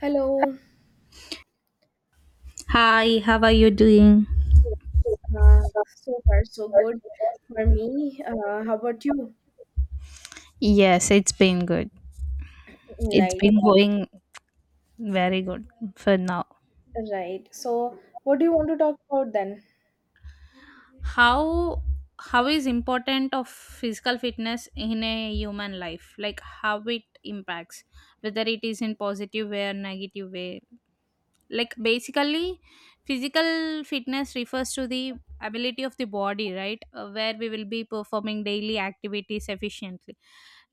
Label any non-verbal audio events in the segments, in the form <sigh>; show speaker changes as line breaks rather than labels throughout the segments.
Hello.
Hi, how are you doing?
Yes. So far, so good for me. How about you?
Yes, it's been good. It's
Right,
been going very good for now.
right. So, what do you want to talk about then?
How how is important of physical fitness in a human life? Like how it impacts, whether it is in positive way or negative way. Like basically physical fitness refers to the ability of the body, right? Where we will be performing daily activities efficiently,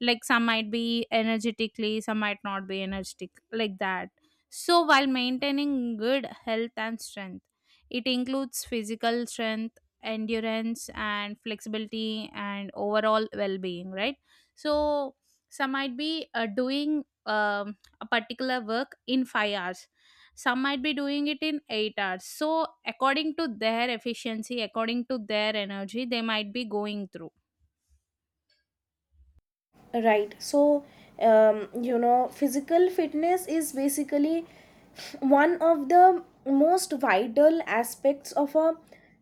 like some might be energetically, some might not be energetic, like that. So while maintaining good health and strength, it includes physical strength, endurance and flexibility and overall well-being, right? So some might be doing a particular work in 5 hours, some might be doing it in 8 hours. So according to their efficiency, according to their energy, they might be going through.
Right. So, physical fitness is basically one of the most vital aspects of a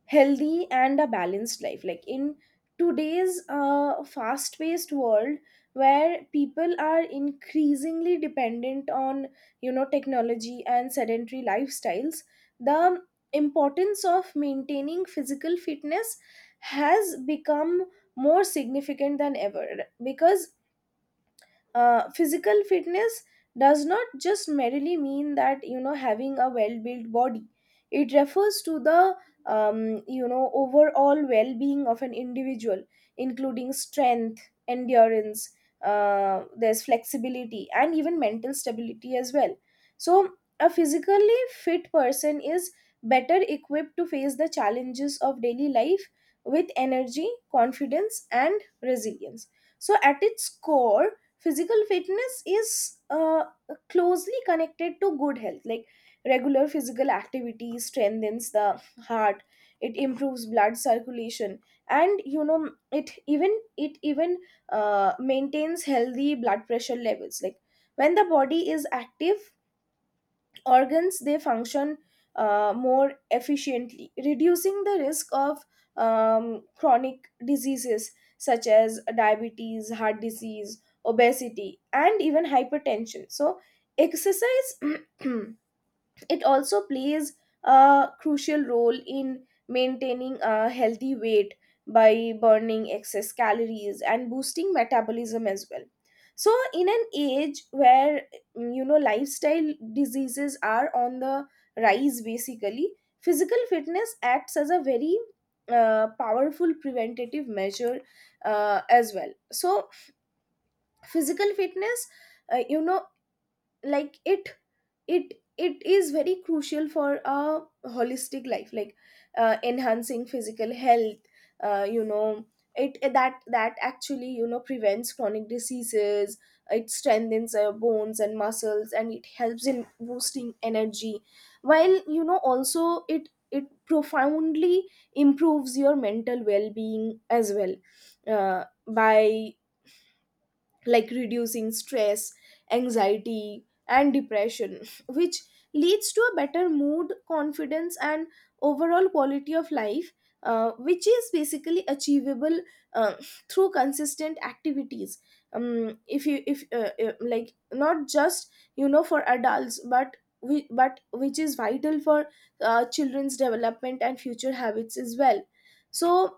healthy and a balanced life. Like in today's fast paced world, where people are increasingly dependent on, technology and sedentary lifestyles, the importance of maintaining physical fitness has become more significant than ever, because physical fitness does not just merely mean that having a well built body. It refers to the overall well being of an individual, including strength, endurance, there's flexibility, and even mental stability as well. So a physically fit person is better equipped to face the challenges of daily life with energy, confidence, and resilience. So at its core, physical fitness is closely connected to good health. Like, regular physical activity strengthens the heart, it improves blood circulation, and it even maintains healthy blood pressure levels. Like, when the body is active, organs they function more efficiently, reducing the risk of chronic diseases such as diabetes, heart disease, obesity, and even hypertension. So exercise. <clears throat> It also plays a crucial role in maintaining a healthy weight by burning excess calories and boosting metabolism as well. So, in an age where lifestyle diseases are on the rise, basically, physical fitness acts as a very powerful preventative measure as well. So, physical fitness, uh, you know, like it is very crucial for a holistic life. Like, enhancing physical health, you know it that that actually prevents chronic diseases, it strengthens our bones and muscles, and it helps in boosting energy, while also it profoundly improves your mental well-being as well, by like reducing stress, anxiety, and depression, <laughs> which leads to a better mood, confidence, and overall quality of life, which is basically achievable uh, <laughs> through consistent activities. If like, not just for adults, but which is vital for children's development and future habits as well. So,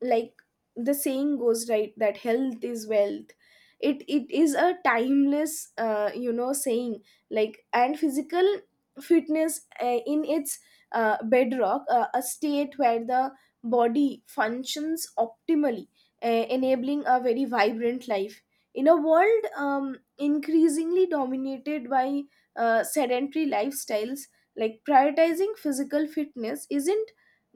like the saying goes, right, that health is wealth. It is a timeless saying. Like, and physical fitness in its bedrock, a state where the body functions optimally, enabling a very vibrant life in a world increasingly dominated by sedentary lifestyles. Like, prioritizing physical fitness isn't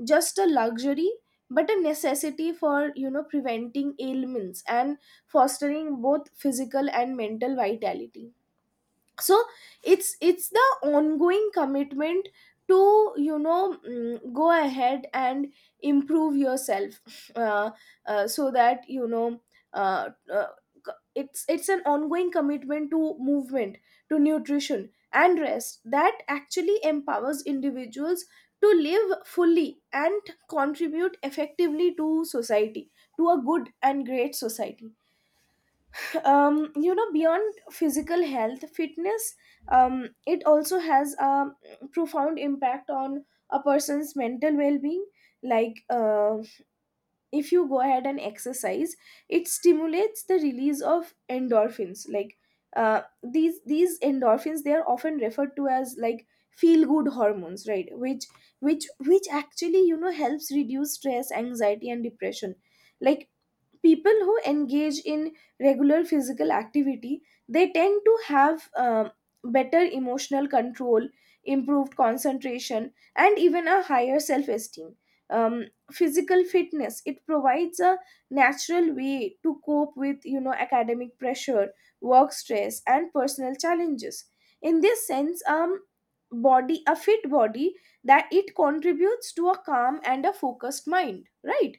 just a luxury but a necessity for preventing ailments and fostering both physical and mental vitality. So it's the ongoing commitment to go ahead and improve yourself. So that you know uh, uh, it's an ongoing commitment to movement, to nutrition, and rest that actually empowers individuals to live fully and contribute effectively to society, to a good and great society. Beyond physical health fitness, it also has a profound impact on a person's mental well-being. Like, if you go ahead and exercise, it stimulates the release of endorphins. Like, these endorphins, they are often referred to as like feel good hormones, right, which actually helps reduce stress, anxiety, and depression. Like, people who engage in regular physical activity, they tend to have better emotional control, improved concentration, and even a higher self-esteem. Um, physical fitness, it provides a natural way to cope with academic pressure, work stress, and personal challenges. In this sense, body a fit body that it contributes to a calm and a focused mind, right,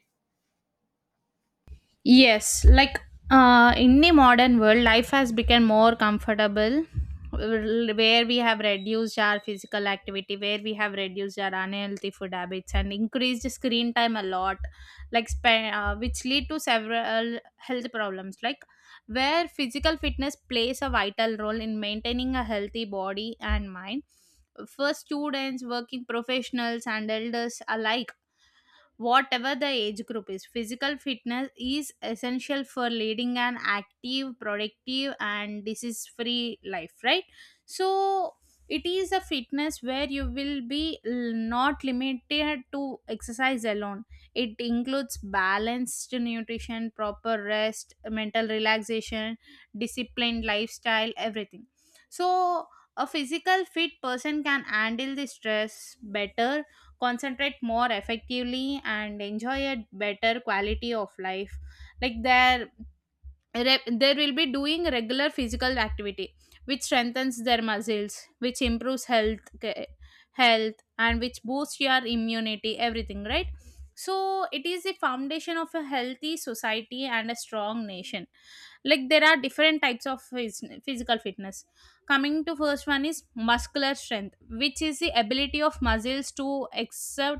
Yes, like in the modern world, life has become more comfortable, where we have reduced our physical activity, where we have reduced our unhealthy food habits and increased screen time a lot, like which lead to several health problems, like where physical fitness plays a vital role in maintaining a healthy body and mind. For students, working professionals, and elders alike, whatever the age group is. Physical fitness is essential for leading an active, productive, and disease free life, right? So, it is a fitness where you will be not limited to exercise alone. It includes balanced nutrition, proper rest, mental relaxation, disciplined lifestyle, everything. So, a physical fit person can handle the stress better, concentrate more effectively and enjoy a better quality of life, like they will be doing regular physical activity which strengthens their muscles, which improves health and which boosts your immunity, everything, right? So it is the foundation of a healthy society and a strong nation. Like there are different types of physical fitness. Coming to first one is muscular strength, which is the ability of muscles to exert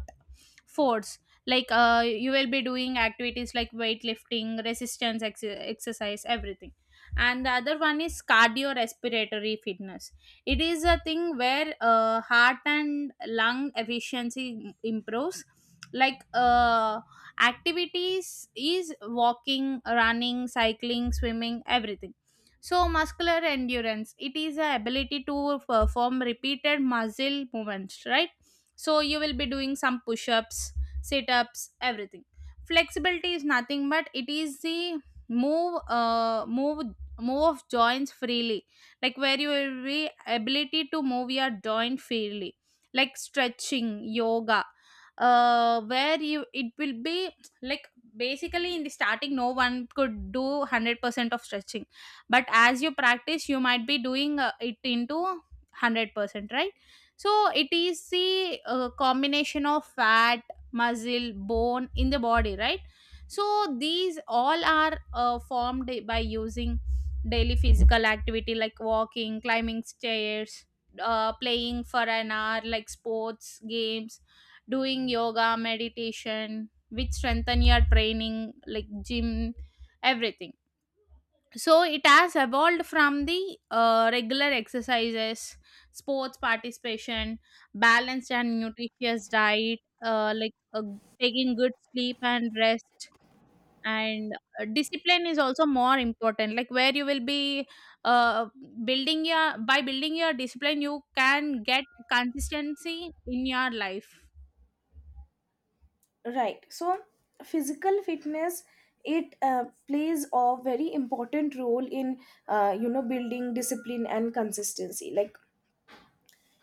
force, like you will be doing activities like weightlifting, resistance exercise everything. And the other one is cardiorespiratory fitness. It is a thing where heart and lung efficiency improves, like activities is walking, running, cycling, swimming, everything. So muscular endurance, it is a ability to perform repeated muscle movements, right? So you will be doing some push-ups, sit ups, everything. Flexibility is nothing but it is the move uh move move of joints freely, like where you will be ability to move your joint freely, like stretching, yoga, where you it will be, like, basically in the starting no one could do 100% of stretching, but as you practice you might be doing it into 100%, right? So it is the combination of fat, muscle, bone in the body, right? So these all are formed by using daily physical activity, like walking, climbing stairs, playing for an hour like sports games, doing yoga, meditation, which strengthen your training like gym, everything. So it has evolved from the regular exercises, sports participation, balanced and nutritious diet, taking good sleep and rest, and discipline is also more important, like where you will be uh, building your by building your discipline you can get consistency in your life.
right. So, physical fitness, it plays a very important role in building discipline and consistency. Like,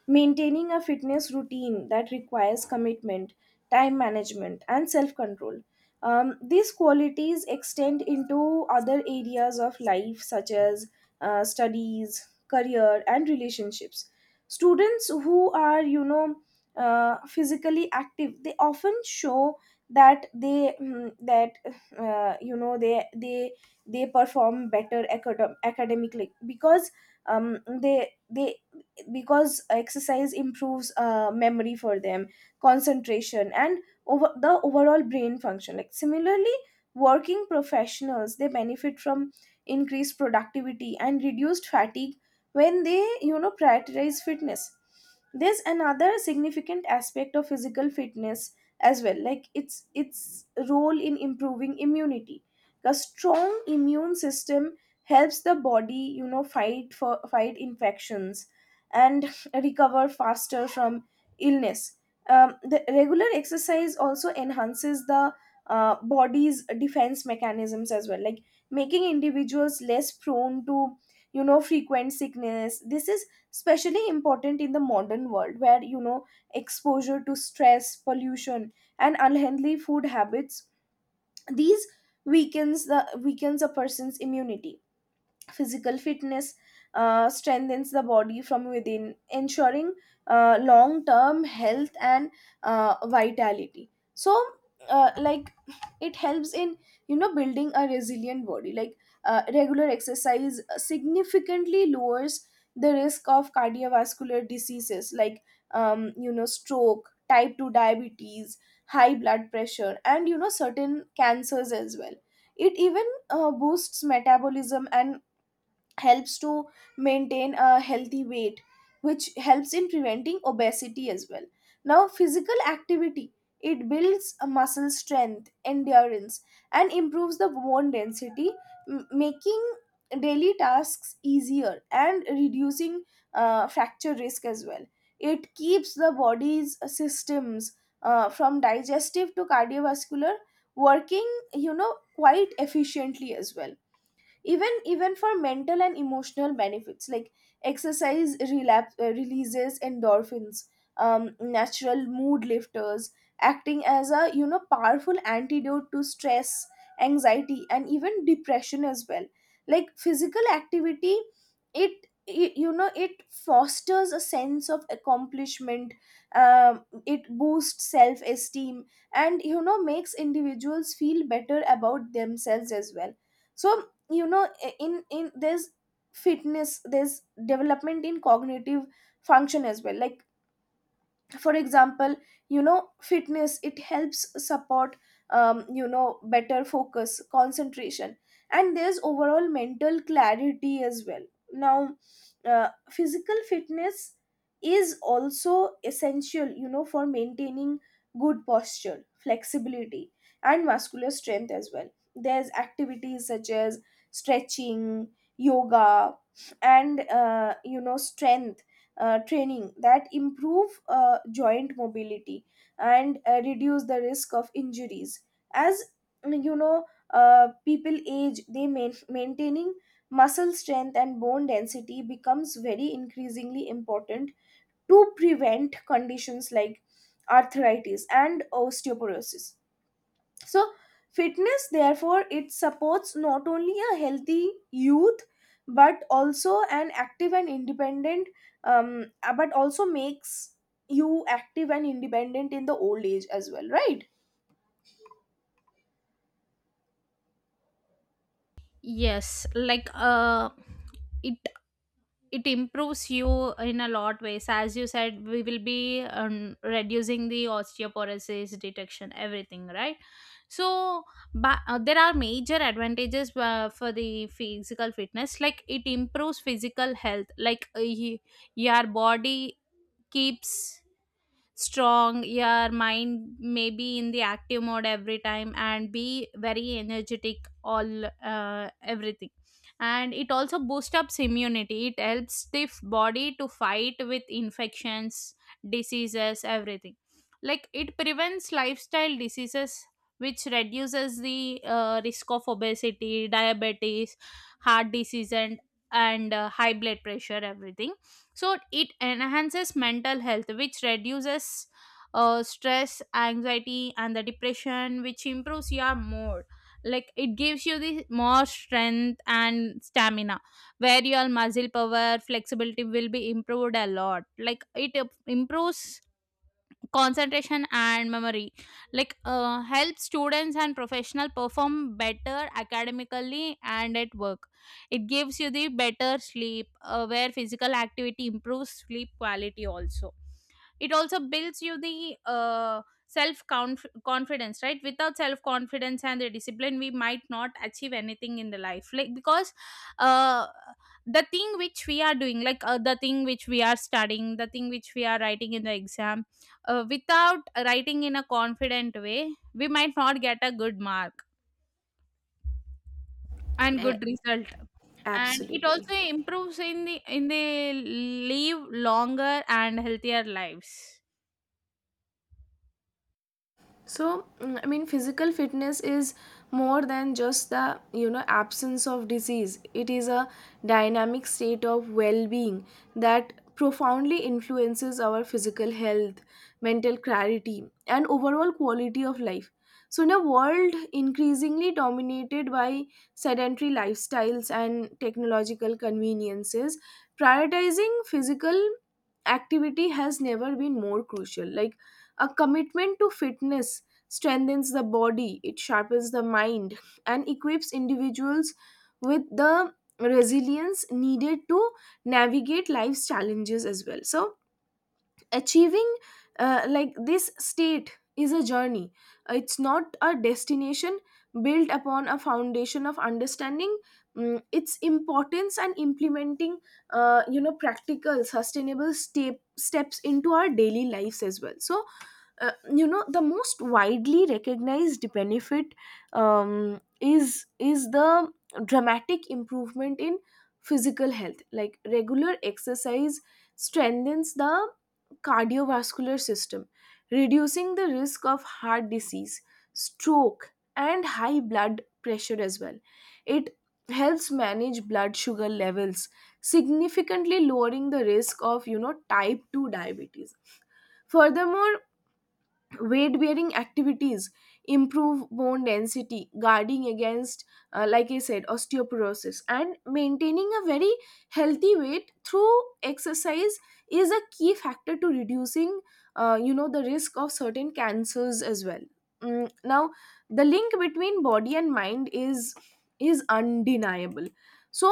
maintaining a fitness routine that requires commitment, time management, and self control. These qualities extend into other areas of life, such as studies, career, and relationships. Students who are, physically active, they often show that uh, you know they they they perform better academically, because they because exercise improves memory for them, concentration, and overall brain function. Like, similarly, working professionals they benefit from increased productivity and reduced fatigue when they prioritize fitness. There's another significant aspect of physical fitness as well, like its role in improving immunity. A strong immune system helps the body fight infections and <laughs> recover faster from illness. The regular exercise also enhances the body's defense mechanisms as well, like making individuals less prone to frequent sickness. This is especially important in the modern world, where exposure to stress, pollution, and unhealthy food habits, these weakens a person's immunity. Physical fitness strengthens the body from within, ensuring long term health and vitality. So, like, it helps in building a resilient body. Like, regular exercise significantly lowers the risk of cardiovascular diseases, like stroke, type two diabetes, high blood pressure, and certain cancers as well. It even boosts metabolism and helps to maintain a healthy weight, which helps in preventing obesity as well. Now physical activity, it builds a muscle strength, endurance, and improves the bone density, making daily tasks easier and reducing fracture risk as well. It keeps the body's systems, from digestive to cardiovascular, working quite efficiently as well. Even for mental and emotional benefits, like exercise releases endorphins, natural mood lifters, acting as a powerful antidote to stress, anxiety, and even depression as well. Like, physical activity, it it fosters a sense of accomplishment. It boosts self-esteem and makes individuals feel better about themselves as well. So, you know eh, in there's fitness, there's development in cognitive function as well. Like, for example, fitness, it helps support better focus, concentration, and there's overall mental clarity as well. Now, physical fitness is also essential for maintaining good posture, flexibility, and muscular strength as well. There's activities such as stretching, yoga, and strength training that improve joint mobility and reduce the risk of injuries. As you know people age, they maintaining muscle strength and bone density becomes very increasingly important to prevent conditions like arthritis and osteoporosis. So fitness, therefore, it supports not only a healthy youth, but also an active and independent, but also makes you active and independent in the old age as well, right.
Yes, like it it improves you in a lot ways, as you said we will be reducing the osteoporosis detection, everything, right? So but there are major advantages for the physical fitness, like it improves physical health, like your body keeps strong, your mind may be in the active mode every time and be very energetic, all everything. And it also boosts up immunity, it helps stiff body to fight with infections, diseases, everything. Like it prevents lifestyle diseases, which reduces the risk of obesity, diabetes, heart disease, and high blood pressure, everything. So it enhances mental health, which reduces stress, anxiety and the depression, which improves your mood. Like it gives you the more strength and stamina, where your muscle power, flexibility will be improved a lot. Like it improves concentration and memory, like help students and professional perform better academically and at work. It gives you the better sleep, where physical activity improves sleep quality also. It also builds you the confidence, right? Without self confidence and the discipline we might not achieve anything in the life, like because uh, the thing which we are doing, like the thing which we are studying, the thing which we are writing in the exam, without writing in a confident way we might not get a good mark and
A-
good result. And it
absolutely.
also improves in the live longer and healthier lives.
So, I mean, physical fitness is more than just the absence of disease. It is a dynamic state of well being that profoundly influences our physical health, mental clarity, and overall quality of life. So, in a world increasingly dominated by sedentary lifestyles and technological conveniences, prioritizing physical activity has never been more crucial. Like, a commitment to fitness strengthens the body, it sharpens the mind, and equips individuals with the resilience needed to navigate life's challenges as well. So, achieving, like, this state is a journey, it's not a destination, built upon a foundation of understanding, its importance, and implementing practical, sustainable steps into our daily lives as well. So the most widely recognized benefit, is the dramatic improvement in physical health. Like, regular exercise strengthens the cardiovascular system, reducing the risk of heart disease, stroke, and high blood pressure as well. It helps manage blood sugar levels, significantly lowering the risk of type 2 diabetes. Furthermore, weight bearing activities improve bone density, guarding against, like I said, osteoporosis, and maintaining a very healthy weight through exercise is a key factor to reducing the risk of certain cancers as well. Now the link between body and mind is undeniable. So,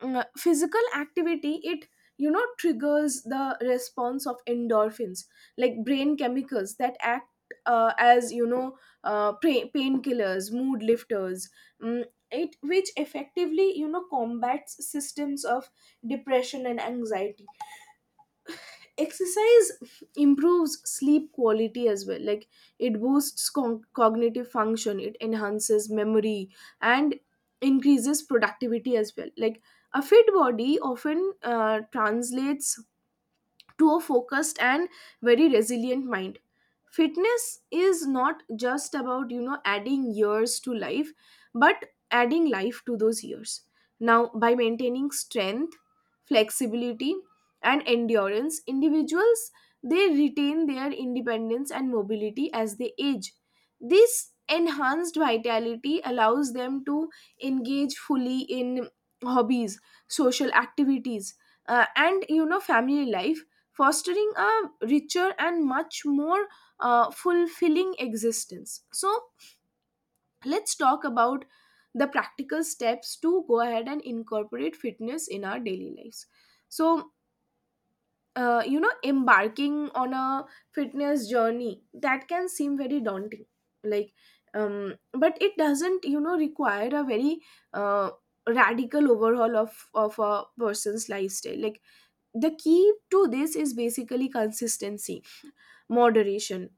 physical activity, it triggers the response of endorphins, like brain chemicals that act as painkillers, mood lifters, mm, it which effectively combats systems of depression and anxiety. Exercise improves sleep quality as well, like it boosts cognitive function, it enhances memory, and increases productivity as well. Like, a fit body often translates to a focused and very resilient mind. Fitness is not just about adding years to life, but adding life to those years. Now, by maintaining strength, flexibility, and endurance, individuals, they retain their independence and mobility as they age. This enhanced vitality allows them to engage fully in hobbies, social activities, and family life, fostering a richer and much more fulfilling existence. So, let's talk about the practical steps to go ahead and incorporate fitness in our daily lives. So, Embarking on a fitness journey that can seem very daunting, like, but it doesn't, require a very uh, radical overhaul of a person's lifestyle. Like the key to this is basically consistency, moderation,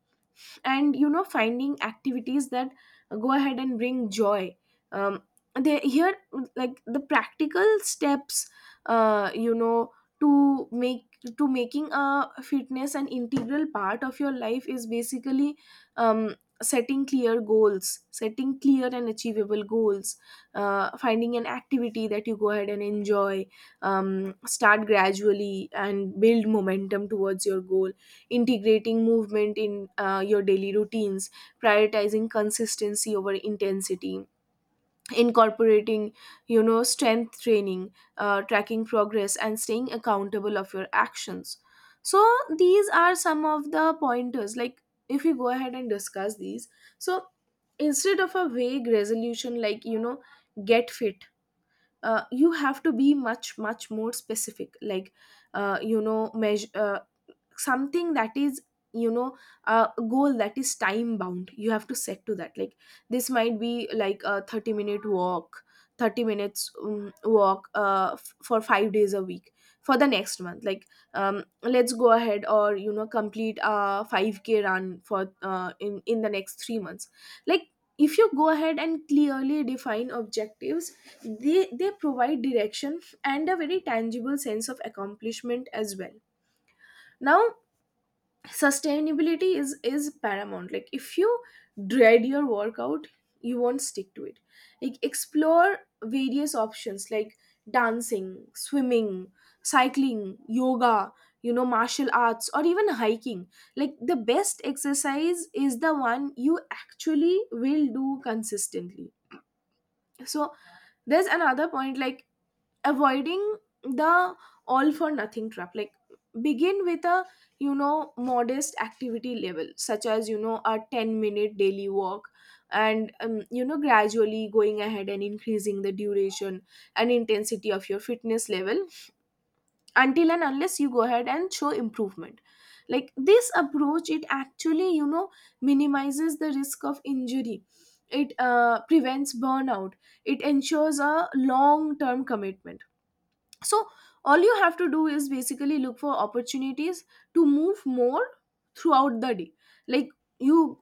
and you know finding activities that go ahead and bring joy. Um they here Like the practical steps, uh you know to make to making a fitness an integral part of your life is basically um setting clear goals, setting clear and achievable goals, finding an activity that you go ahead and enjoy, start gradually and build momentum towards your goal, integrating movement in your daily routines, prioritizing consistency over intensity, incorporating you know strength training, tracking progress and staying accountable of your actions. So these are some of the pointers, like if you go ahead and discuss these. So instead of a vague resolution like you know get fit, you have to be much more specific, like you know measure something that is you know a goal that is time bound, you have to set to that. Like this might be like a 30-minute walk, 30 minutes walk for 5 days a week for the next month. Like let's go ahead or you know complete a 5k run for in the next 3 months. Like if you go ahead and clearly define objectives, they provide direction and a very tangible sense of accomplishment as well. Now sustainability is paramount, like if you dread your workout, you won't stick to it. Like explore various options, like dancing, swimming, cycling, yoga, you know martial arts, or even hiking. Like the best exercise is the one you actually will do consistently. So there's another point, like avoiding the all for nothing trap. Like begin with a you know modest activity level, such as you know a 10-minute daily walk, and you know gradually going ahead and increasing the duration and intensity of your fitness level until and unless you go ahead and show improvement. Like this approach, it actually you know minimizes the risk of injury, it prevents burnout, it ensures a long term commitment. So all you have to do is basically look for opportunities to move more throughout the day. Like you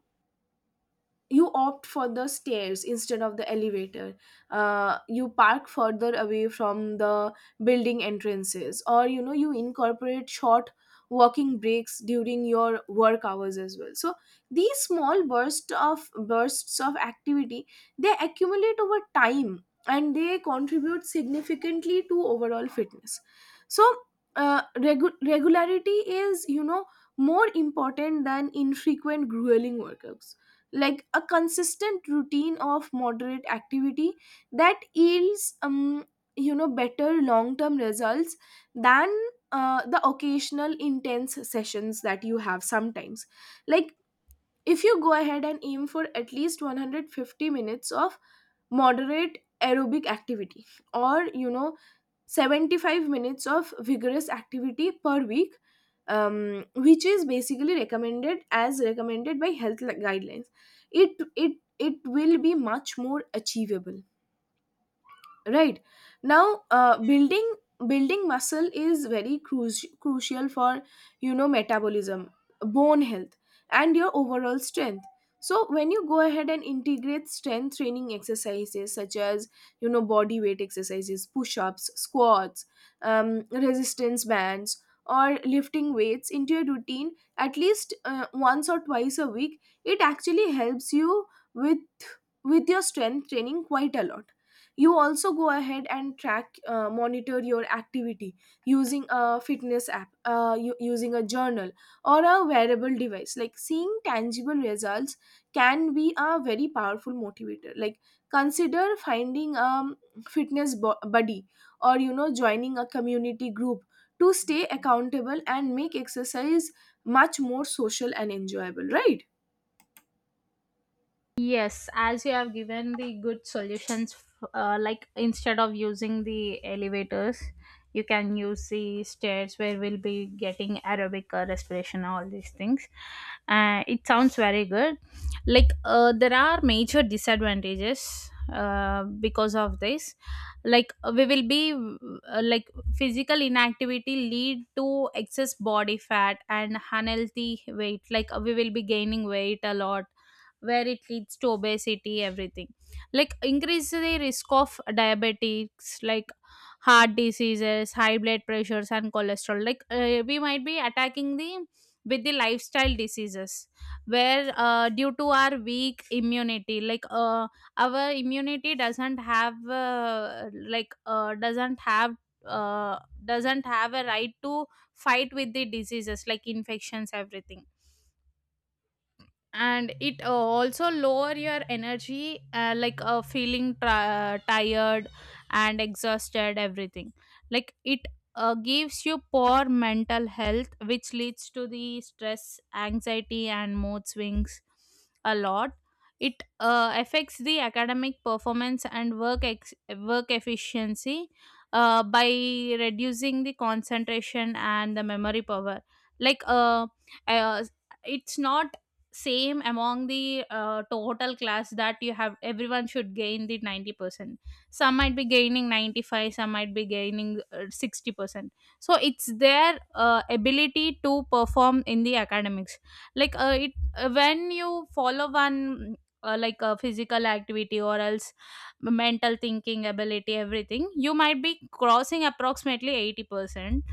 you opt for the stairs instead of the elevator, you park further away from the building entrances, or you know you incorporate short walking breaks during your work hours as well. So these small bursts of activity, they accumulate over time and they contribute significantly to overall fitness. So regularity is you know more important than infrequent grueling workouts. Like a consistent routine of moderate activity, that yields you know better long term results than the occasional intense sessions that you have sometimes. Like if you go ahead and aim for at least 150 minutes of moderate aerobic activity, or you know 75 minutes of vigorous activity per week, which is basically recommended as recommended by health guidelines, it will be much more achievable, right? Now building muscle is crucial for you know metabolism, bone health, and your overall strength. So when you go ahead and integrate strength training exercises, such as you know body weight exercises, push-ups, squats, resistance bands, or lifting weights into your routine at least once or twice a week, it actually helps you with with your strength training quite a lot. You also go ahead and track monitor your activity using a fitness app, using a journal or a wearable device. Like seeing tangible results can be a very powerful motivator. Like consider finding a buddy, or you know joining a community group, to stay accountable and make exercise much more social and enjoyable, right?
Yes, as you have given the good solutions, like instead of using the elevators, you can use the stairs where we'll be getting aerobic respiration, all these things. It sounds very good. Like there are major disadvantages because of this. Like we will be like physical inactivity lead to excess body fat and unhealthy weight. Like we will be gaining weight a lot, where it leads to obesity, everything. Like increase the risk of diabetics, like heart diseases, high blood pressures and cholesterol, like we might be attacking the with the lifestyle diseases, where due to our weak immunity, our immunity doesn't have like uh, doesn't have a right to fight with the diseases, like infections, everything. And it also lower your energy, feeling tired and exhausted, everything. Like it gives you poor mental health, which leads to the stress, anxiety and mood swings a lot. It affects the academic performance and work efficiency by reducing the concentration and the memory power, like uh, it's not same among the total class that you have, everyone should gain the 90%, some might be gaining 95, some might be gaining 60%. So it's their ability to perform in the academics, like it when you follow one like a physical activity or else mental thinking ability, everything, you might be crossing approximately 80%.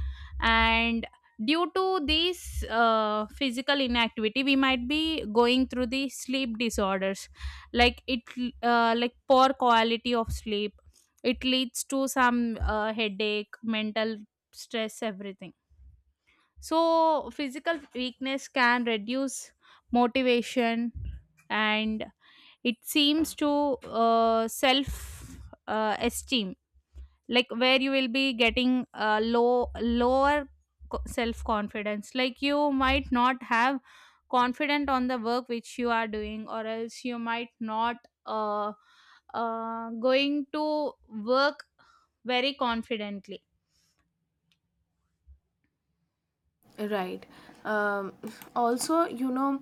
And due to this physical inactivity, we might be going through the sleep disorders, like it, like poor quality of sleep. It leads to some headache, mental stress, everything. So physical weakness can reduce motivation, and it seems to self esteem, like where you will be getting lower self confidence, like you might not have confident on the work which you are doing, or else you might not uh, going to work very confidently
right um, Also you know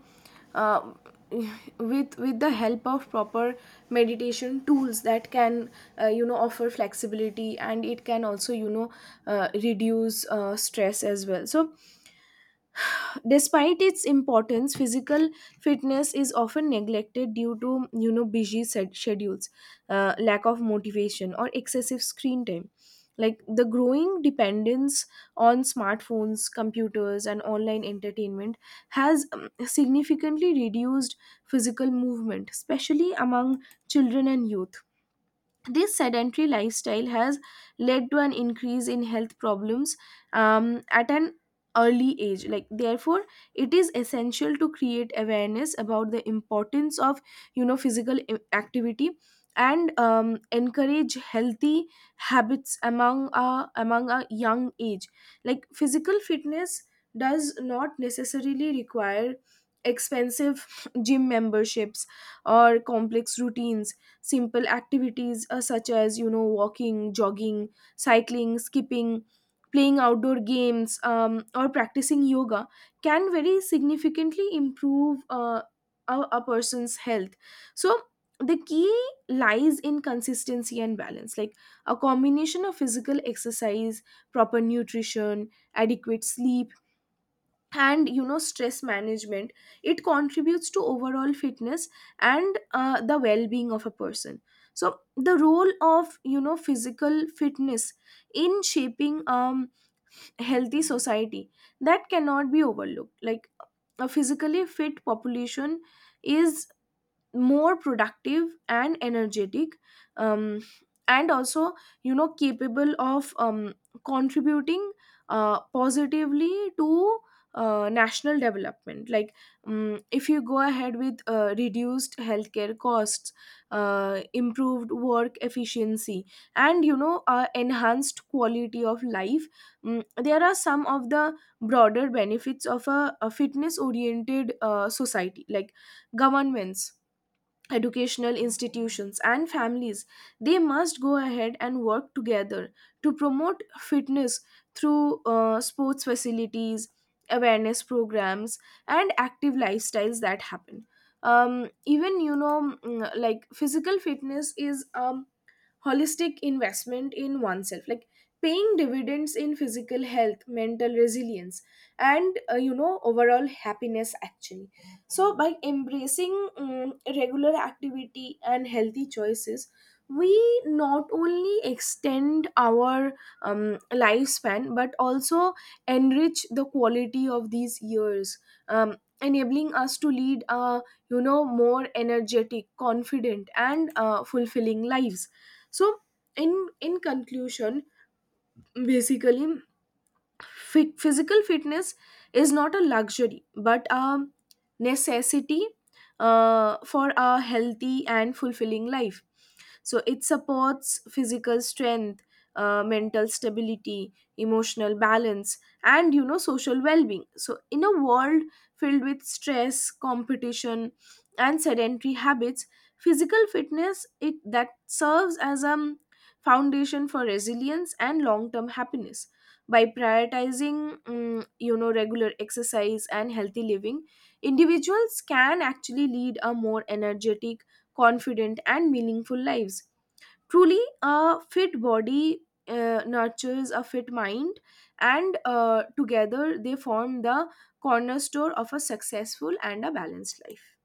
uh, <sighs> with the help of proper meditation tools that can you know offer flexibility, and it can also you know reduce stress as well. So despite its importance, physical fitness is often neglected due to you know busy schedules, lack of motivation, or excessive screen time. Like the growing dependence on smartphones, computers, and online entertainment has significantly reduced physical movement, especially among children and youth. This sedentary lifestyle has led to an increase in health problems at an early age. Like therefore it is essential to create awareness about the importance of you know physical activity, and encourage healthy habits among a among a young age. Like physical fitness does not necessarily require expensive gym memberships or complex routines. Simple activities, such as you know walking, jogging, cycling, skipping, playing outdoor games, or practicing yoga, can very significantly improve a person's health. So the key lies in consistency and balance. Like a combination of physical exercise, proper nutrition, adequate sleep, and you know stress management, it contributes to overall fitness and the well-being of a person. So the role of you know physical fitness in shaping healthy society, that cannot be overlooked. Like a physically fit population is more productive and energetic, um, and also you know capable of contributing positively to national development. Like if you go ahead with reduced healthcare costs, improved work efficiency, and you know enhanced quality of life, there are some of the broader benefits of a fitness oriented society. Like governments, educational institutions, and families, they must go ahead and work together to promote fitness through sports facilities, awareness programs, and active lifestyles that happen. Even you know like physical fitness is holistic investment in oneself, like paying dividends in physical health, mental resilience, and you know overall happiness actually. So by embracing regular activity and healthy choices, we not only extend our lifespan, but also enrich the quality of these years, enabling us to lead a you know more energetic, confident, and fulfilling lives. So in conclusion, basically physical fitness is not a luxury but a necessity for a healthy and fulfilling life. So it supports physical strength, mental stability, emotional balance, and you know social well-being. So in a world filled with stress, competition, and sedentary habits, physical fitness it that serves as a foundation for resilience and long-term happiness. By prioritizing you know regular exercise and healthy living, individuals can actually lead a more energetic, confident, and meaningful lives. Truly a fit body nurtures a fit mind, and together they form the cornerstone of a successful and a balanced life.